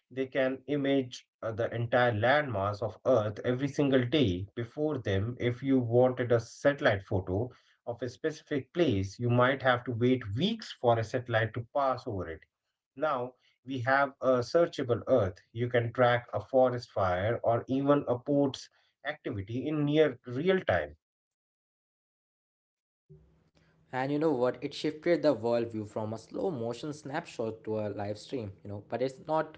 They can image uh, the entire landmass of Earth every single day before them. If you wanted a satellite photo of a specific place, you might have to wait weeks for a satellite to pass over it. Now we have a searchable Earth. You can track a forest fire or even a port's activity in near real time.
And you know what? It shifted the worldview from a slow motion snapshot to a live stream, you know. But it's not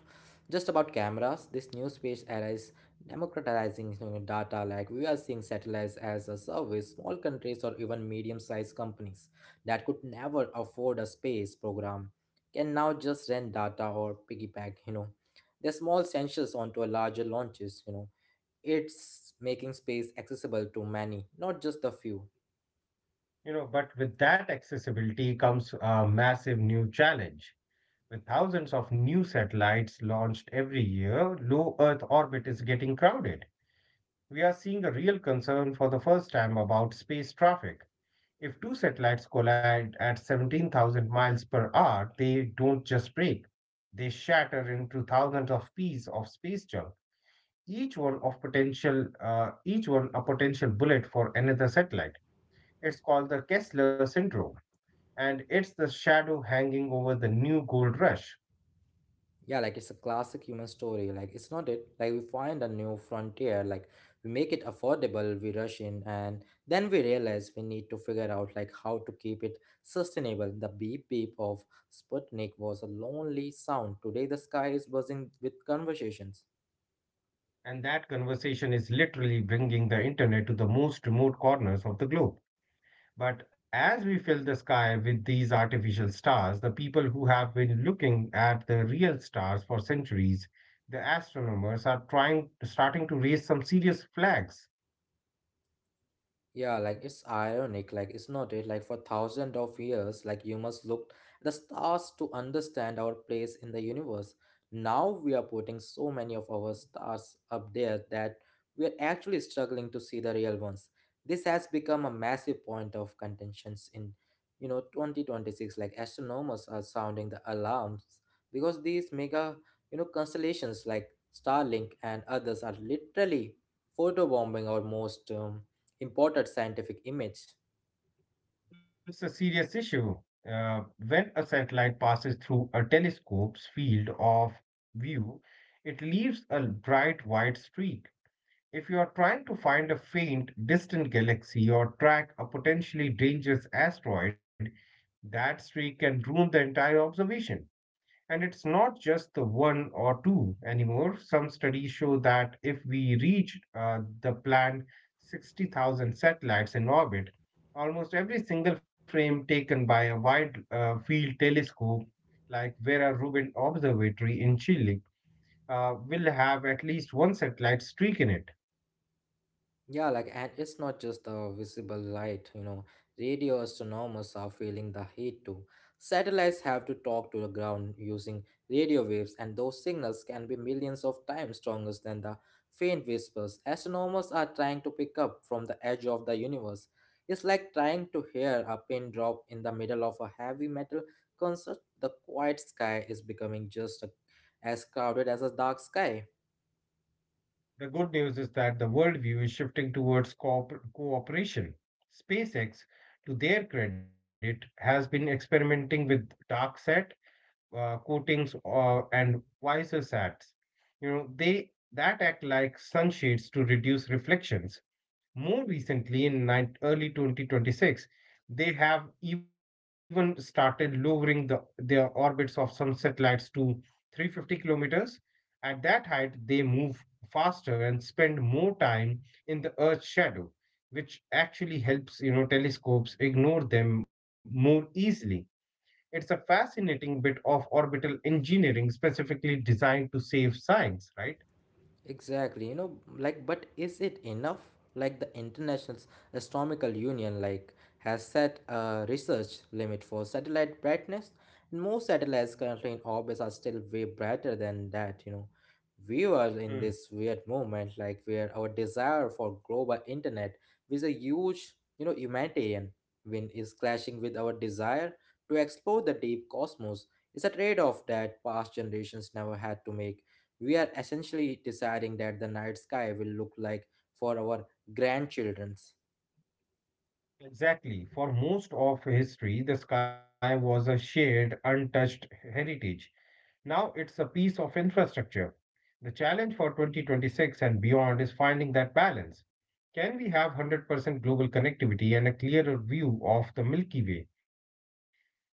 just about cameras. This new space era is democratizing, you know, data. Like we are seeing satellites as a service. Small countries or even medium sized companies that could never afford a space program can now just rent data or piggyback, you know, their small sensors onto a larger launches, you know. It's making space accessible to many, not just the few.
You know but with that accessibility comes a massive new challenge. With thousands of new satellites launched every year, low Earth orbit is getting crowded. We are seeing a real concern for the first time about space traffic. If two satellites collide at seventeen thousand miles per hour, they don't just break, they shatter into thousands of pieces of space junk, each one of potential uh, each one a potential bullet for another satellite. It's called the Kessler syndrome, and it's the shadow hanging over the new gold rush.
Yeah, like it's a classic human story. Like it's not it. Like we find a new frontier. Like we make it affordable. We rush in, and then we realize we need to figure out like how to keep it sustainable. The beep beep of Sputnik was a lonely sound. Today the sky is buzzing with conversations.
And that conversation is literally bringing the internet to the most remote corners of the globe. But as we fill the sky with these artificial stars, the people who have been looking at the real stars for centuries, the astronomers are trying starting to raise some serious flags.
Yeah, like it's ironic. Like it's not it. Like for thousands of years, like you must look at the stars to understand our place in the universe. Now we are putting so many of our stars up there that we are actually struggling to see the real ones. This has become a massive point of contentions in, you know, twenty twenty-six. Like astronomers are sounding the alarms because these mega, you know, constellations like Starlink and others are literally photobombing our most um, imported scientific image.
It's a serious issue. Uh, when a satellite passes through a telescope's field of view, it leaves a bright white streak. If you are trying to find a faint, distant galaxy or track a potentially dangerous asteroid, that streak can ruin the entire observation. And it's not just the one or two anymore. Some studies show that if we reach uh, the planned sixty thousand satellites in orbit, almost every single frame taken by a wide uh, field telescope like Vera Rubin Observatory in Chile uh, will have at least one satellite streak in it.
Yeah, like, and it's not just the visible light, you know, radio astronomers are feeling the heat too. Satellites have to talk to the ground using radio waves, and those signals can be millions of times stronger than the faint whispers astronomers are trying to pick up from the edge of the universe. It's like trying to hear a pin drop in the middle of a heavy metal concert. The quiet sky is becoming just a, as crowded as a dark sky.
The good news is that the worldview is shifting towards cooper- cooperation. SpaceX, to their credit, has been experimenting with dark sat uh, coatings uh, and visor sats. You know, they that act like sunshades to reduce reflections. More recently, in nine, early twenty twenty-six, they have even started lowering the, their orbits of some satellites to three hundred fifty kilometers. At that height, they move faster and spend more time in the Earth's shadow, which actually helps you know telescopes ignore them more easily. It's a fascinating bit of orbital engineering specifically designed to save science, right?
Exactly, you know, like, but is it enough? Like, the International Astronomical Union, like, has set a research limit for satellite brightness, and most satellites currently in orbit are still way brighter than that, you know. We were
Hmm.
in this weird moment, like, where our desire for global internet with a huge, you know, humanitarian win is clashing with our desire to explore the deep cosmos. It's a trade off that past generations never had to make. We are essentially deciding that the night sky will look like for our grandchildren's.
Exactly. For most of history, the sky was a shared, untouched heritage. Now it's a piece of infrastructure. The challenge for twenty twenty-six and beyond is finding that balance. Can we have one hundred percent global connectivity and a clearer view of the Milky Way? You know,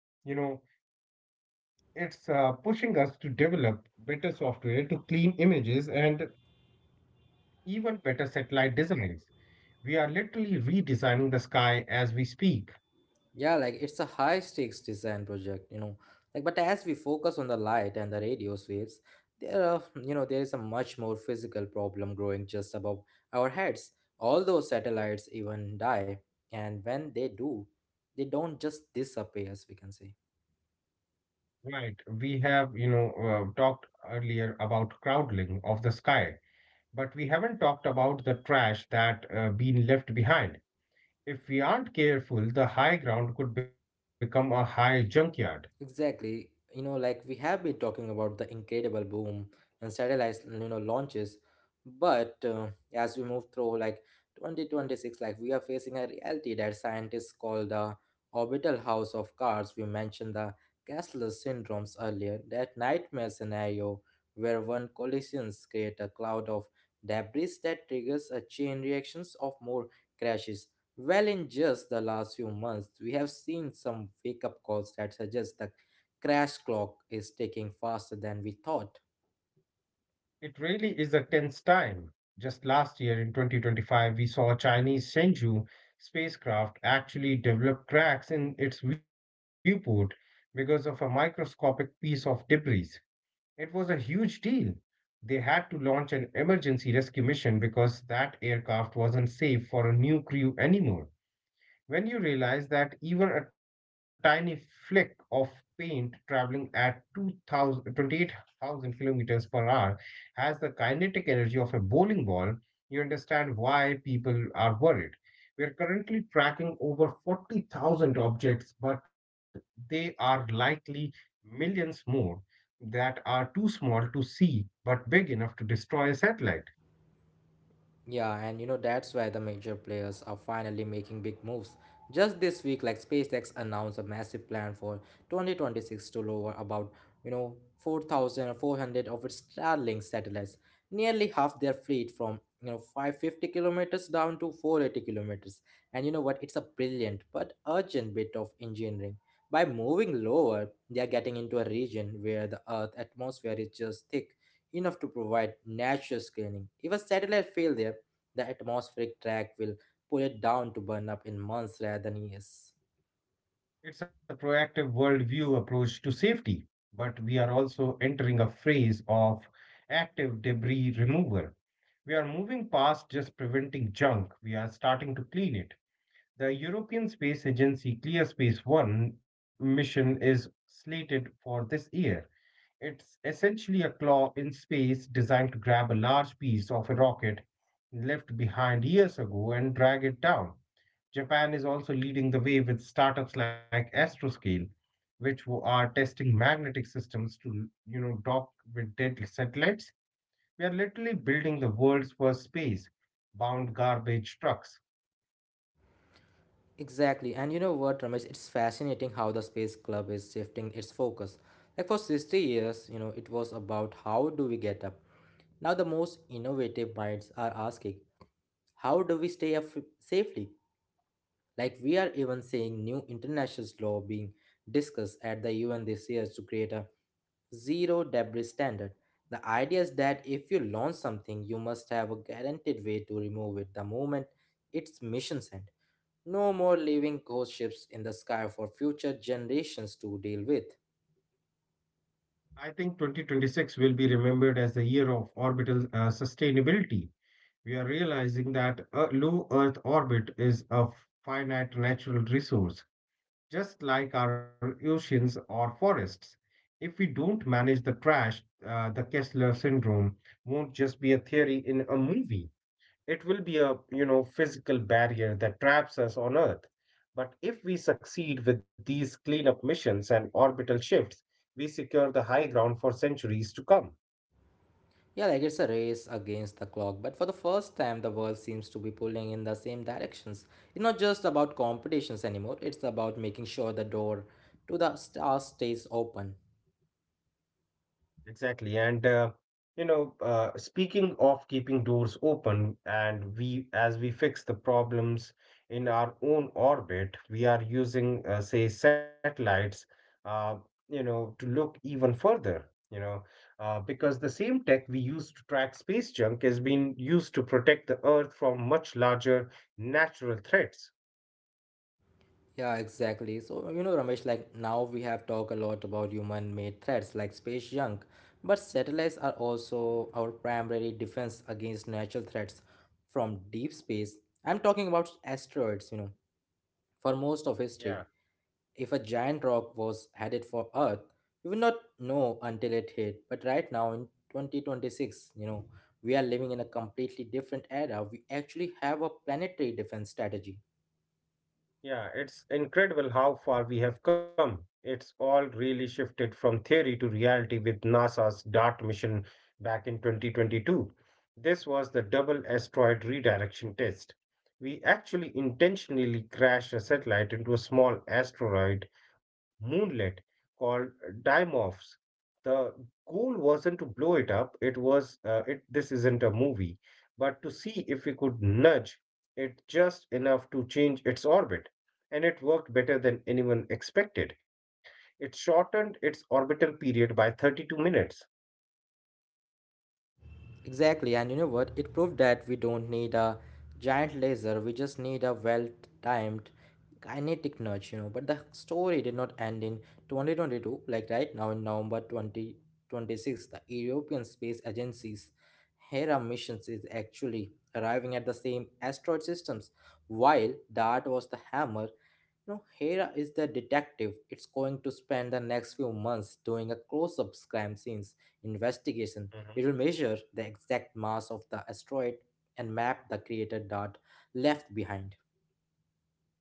it's uh, pushing us to develop better software to clean images and even better satellite designs. We are literally redesigning the sky as we speak.
Yeah, like it's a high stakes design project, you know. Like, but as we focus on the light and the radio waves, there are, you know, there is a much more physical problem growing just above our heads. All those satellites even die, and when they do, they don't just disappear, as we can say.
Right. We have, you know, uh, talked earlier about crowdling of the sky, but we haven't talked about the trash that uh, been left behind. If we aren't careful, the high ground could become a high junkyard.
Exactly. You know, like we have been talking about the incredible boom and satellite, you know, launches, but uh, as we move through like twenty twenty-six, like we are facing a reality that scientists call the orbital house of cards. We mentioned the cashless syndromes earlier, that nightmare scenario where one collisions create a cloud of debris that triggers a chain reactions of more crashes. Well, in just the last few months, we have seen some wake up calls that suggest the crash clock is ticking faster than we thought.
It really is a tense time. Just last year in twenty twenty-five, we saw a Chinese Shenzhou spacecraft actually develop cracks in its viewport because of a microscopic piece of debris. It was a huge deal. They had to launch an emergency rescue mission because that aircraft wasn't safe for a new crew anymore. When you realize that even a tiny flick of paint traveling at two thousand twenty-eight thousand kilometers per hour has the kinetic energy of a bowling ball, you understand why people are worried. We are currently tracking over forty thousand objects, but they are likely millions more that are too small to see but big enough to destroy a satellite.
Yeah, and you know that's why the major players are finally making big moves. Just this week, like SpaceX announced a massive plan for twenty twenty-six to lower about, you know, four thousand four hundred of its Starlink satellites, nearly half their fleet from, you know, five hundred fifty kilometers down to four hundred eighty kilometers. And you know what? It's a brilliant but urgent bit of engineering. By moving lower, they are getting into a region where the Earth atmosphere is just thick enough to provide natural screening. If a satellite failed there, the atmospheric track will pull it down to burn up in months rather than years.
It's a proactive worldview approach to safety, but we are also entering a phase of active debris removal. We are moving past just preventing junk, we are starting to clean it. The European Space Agency ClearSpace one mission is slated for this year. It's essentially a claw in space designed to grab a large piece of a rocket left behind years ago and drag it down. Japan is also leading the way with startups like Astroscale, which are testing magnetic systems to, you know, dock with dead satellites. We are literally building the world's first space-bound garbage trucks.
Exactly, and you know what, Ramesh? It's fascinating how the Space Club is shifting its focus. Like for sixty years, you know, it was about how do we get up. Now the most innovative minds are asking, how do we stay up safely? Like we are even seeing new international law being discussed at the U N this year to create a zero debris standard. The idea is that if you launch something, you must have a guaranteed way to remove it the moment its mission's end. No more leaving ghost ships in the sky for future generations to deal with.
I think twenty twenty-six will be remembered as the year of orbital uh, sustainability. We are realizing that a low Earth orbit is a finite natural resource just like our oceans or forests. If we don't manage the trash, uh, the Kessler syndrome won't just be a theory in a movie. It will be a you know physical barrier that traps us on Earth. But if we succeed with these cleanup missions and orbital shifts, we secure the high ground for centuries to come.
Yeah, like it's a race against the clock, but for the first time, the world seems to be pulling in the same directions. It's not just about competitions anymore, it's about making sure the door to the stars stays open.
Exactly. And, uh, you know, uh, speaking of keeping doors open, and we, as we fix the problems in our own orbit, we are using, uh, say, satellites, uh, you know, to look even further, you know, uh, because the same tech we use to track space junk has been used to protect the Earth from much larger natural threats.
Yeah, exactly. So, you know, Ramesh, like now we have talked a lot about human made threats like space junk, but satellites are also our primary defense against natural threats from deep space. I'm talking about asteroids, you know. For most of
Yeah.
history, if a giant rock was headed for Earth, we would not know until it hit. But right now in twenty twenty-six, you know, we are living in a completely different era. We actually have a planetary defense strategy.
Yeah, it's incredible how far we have come. It's all really shifted from theory to reality with NASA's DART mission back in twenty twenty-two. This was the double asteroid redirection test. We actually intentionally crashed a satellite into a small asteroid moonlet called Dimorphos. The goal wasn't to blow it up, it was uh, it this isn't a movie, but to see if we could nudge it just enough to change its orbit, and it worked better than anyone expected. It shortened its orbital period by thirty-two minutes.
Exactly, and you know what? It proved that we don't need a giant laser, we just need a well timed kinetic nudge, you know. But the story did not end in twenty twenty-two. Like right now in November twenty twenty-six, the European Space Agency's Hera missions is actually arriving at the same asteroid systems. While DART was the hammer, no, Hera is the detective. It's going to spend the next few months doing a close-up crime scenes
Hmm.
investigation. It will measure the exact mass of the asteroid and map the crater dot left behind.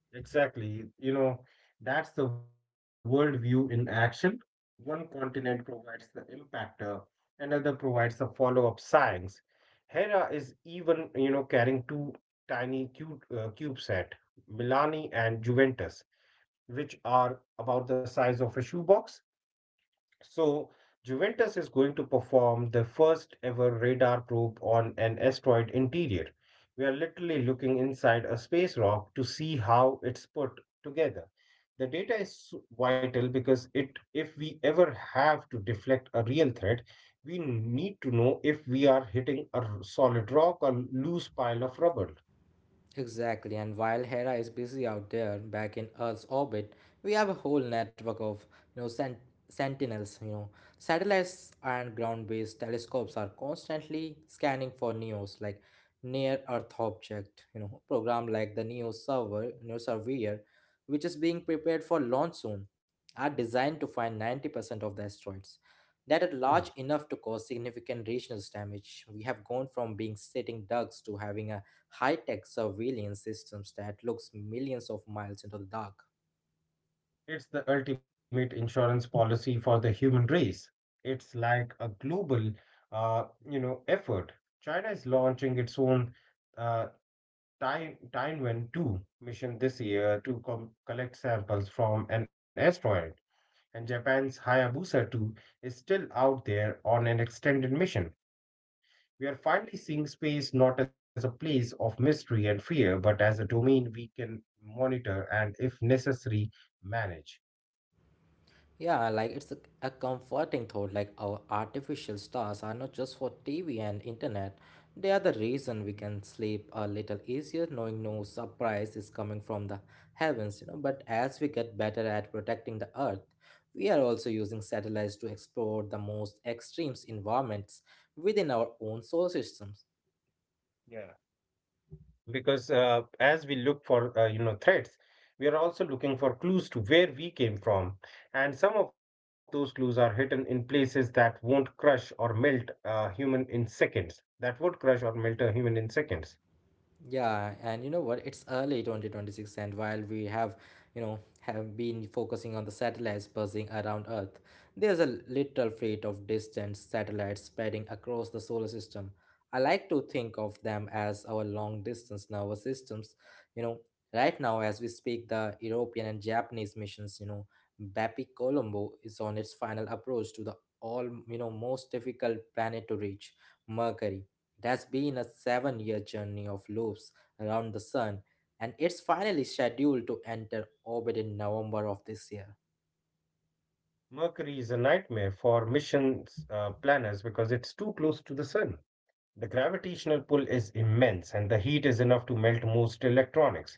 Exactly. You know, that's the worldview in action. One continent provides the impactor, another provides the follow-up science. Hera is even, you know, carrying two tiny cube, uh, CubeSat, Milani and Juventus, which are about the size of a shoebox. So, Juventus is going to perform the first ever radar probe on an asteroid interior. We are literally looking inside a space rock to see how it's put together. The data is so vital because it if we ever have to deflect a real threat, we need to know if we are hitting a solid rock or loose pile of rubble.
Exactly, and while Hera is busy out there back in Earth's orbit, we have a whole network of, you know, sent- sentinels. You know, satellites and ground-based telescopes are constantly scanning for N E Os, like near-Earth object. You know, program like the NEO server, NEO surveyor, which is being prepared for launch soon, are designed to find ninety percent of the asteroids that are large
Hmm.
enough to cause significant regional damage. We have gone from being sitting ducks to having a high-tech surveillance systems that looks millions of miles into the dark.
It's the ultimate insurance policy for the human race. It's like a global, uh, you know, effort. China is launching its own uh, Tai- Tianwen two mission this year to com- collect samples from an asteroid. And Japan's Hayabusa two is still out there on an extended mission. We are finally seeing space not as a place of mystery and fear, but as a domain we can monitor and, if necessary, manage.
Yeah, like it's a, a comforting thought like our artificial stars are not just for T V and internet. They are the
Mhm.
reason we can sleep a little easier knowing no surprise is coming from the heavens, you know. But as we get better at protecting the earth, we are also using satellites to explore the most extreme environments within our own solar systems.
Yeah, because uh, as we look for uh, you know threats, we are also looking for clues to where we came from, and some of those clues are hidden in places that won't crush or melt a human in seconds that would crush or melt a human in seconds.
Yeah, and you know what? It's early twenty twenty-six, and while we have, you know, have been focusing on the satellites buzzing around Earth, there's a little fleet of distant satellites spreading across the solar system. I like to think of them as our long distance nervous systems. You know, right now, as we speak, the European and Japanese missions, you know, BAPI Colombo is on its final approach to the all, you know, most difficult planet to reach, Mercury. It has been a seven year journey of loops around the sun, and it's finally scheduled to enter orbit in November of this year.
Mercury is a nightmare for missions uh, planners because it's too close to the sun. The gravitational pull is immense and the heat is enough to melt most electronics.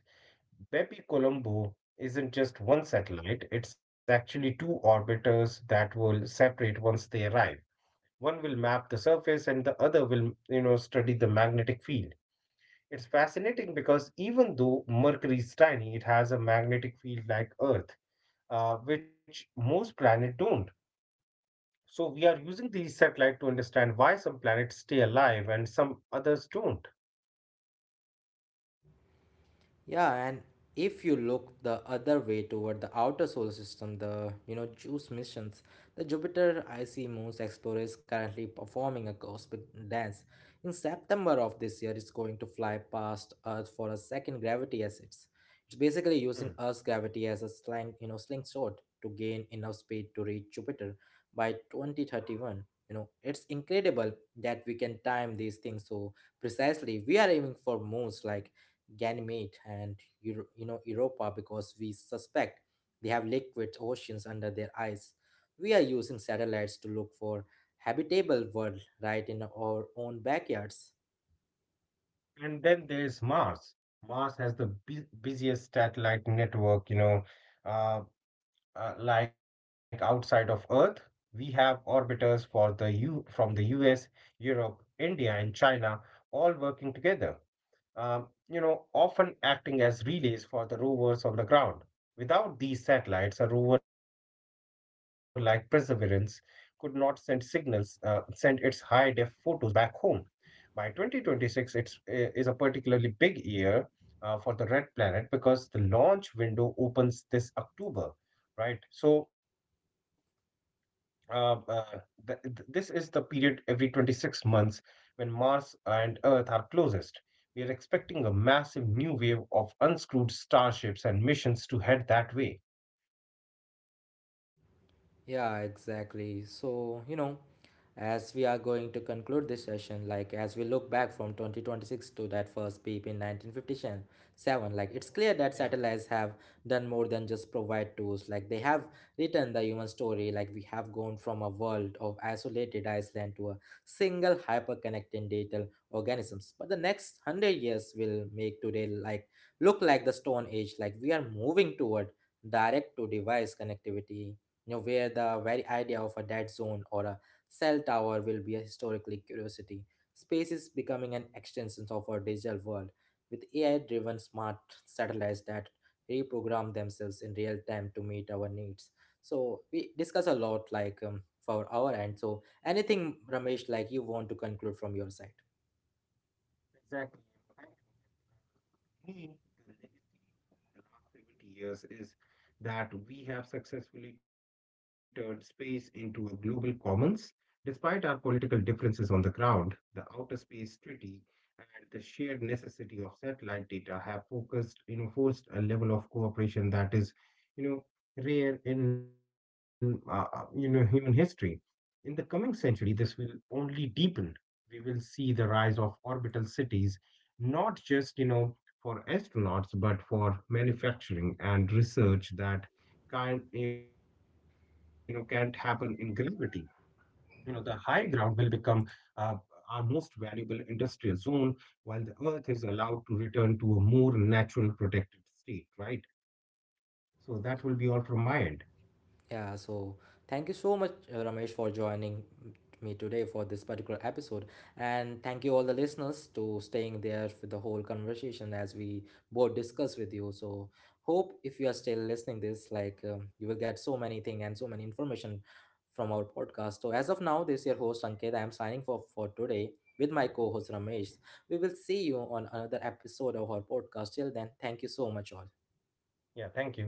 Bepi Colombo isn't just one satellite, it's actually two orbiters that will separate once they arrive. One will map the surface and the other will, you know, study the magnetic field. It's fascinating because even though Mercury is tiny, it has a magnetic field like Earth, uh, which most planets don't. So we are using these satellites to understand why some planets stay alive and some others don't.
Yeah, and if you look the other way toward the outer solar system, the, you know, JUICE missions, the Jupiter icy moons explorer is currently performing a cosmic dance. In September of this year, it's going to fly past Earth for a second gravity as it's. It's basically
Hmm.
using Earth's gravity as a slang, you know, slingshot to gain enough speed to reach Jupiter by twenty thirty-one. You know, it's incredible that we can time these things so precisely. We are aiming for moons like Ganymede and Euro- you know Europa because we suspect they have liquid oceans under their ice. We are using satellites to look for habitable world right in our own backyards.
And then there's Mars. Mars has the bu- busiest satellite network, you know, uh, uh, like outside of Earth. We have orbiters for the U from the U S, Europe, India, and China, all working together. Um, you know, often acting as relays for the rovers on the ground. Without these satellites, a rover like Perseverance could not send signals, uh, send its high def photos back home. By twenty twenty-six, it's, i- is a particularly big year uh, for the Red Planet because the launch window opens this October, right? So, uh, uh, th- th- this is the period every twenty-six months when Mars and Earth are closest. We are expecting a massive new wave of unscrewed starships and missions to head that way.
Yeah, exactly. So, you know, as we are going to conclude this session, like as we look back from twenty twenty-six to that first peep in nineteen fifty-seven, like it's clear
Yeah.
that satellites have done more than just provide tools. Like they have written the human story. Like we have gone from a world of isolated Iceland to a single hyper-connected digital organisms. But the next one hundred years will make today like look like the Stone Age. Like we are moving toward direct to device connectivity, you know, where the very idea of a dead zone or a cell tower will be a historically curiosity. Space is becoming an extension of our digital world with A I-driven smart satellites that reprogram themselves in real time to meet our needs. So we discuss a lot like um, for our end. So anything, Ramesh, like you want to conclude from your side?
Exactly. Thank you, Ankit. Uh, To me, the legacy of the last seventy years is that we have successfully turned space into a global commons. Despite our political differences on the ground, the Outer Space Treaty and the shared necessity of satellite data have focused, you know, forced a level of cooperation that is, you know, rare in, uh, uh, you know, human history. In the coming century, this will only deepen. We will see the rise of orbital cities, not just, you know, for astronauts, but for manufacturing and research that can't, you know, can't happen in gravity. You know, the high ground will become uh, our most valuable industrial zone, while the Earth is allowed to return to a more natural protected state, right? So that will be all from my end.
Yeah, so thank you so much, uh, Ramesh, for joining me today for this particular episode. And thank you all the listeners to staying there for the whole conversation as we both discuss with you. So hope if you are still listening this, like um, you will get so many thing and so many information from our podcast. So as of now, this is your host Ankit. I am signing for for today with my co-host Ramesh. We will see you on another episode of our podcast. Till then, thank you so much all.
Yeah, thank you.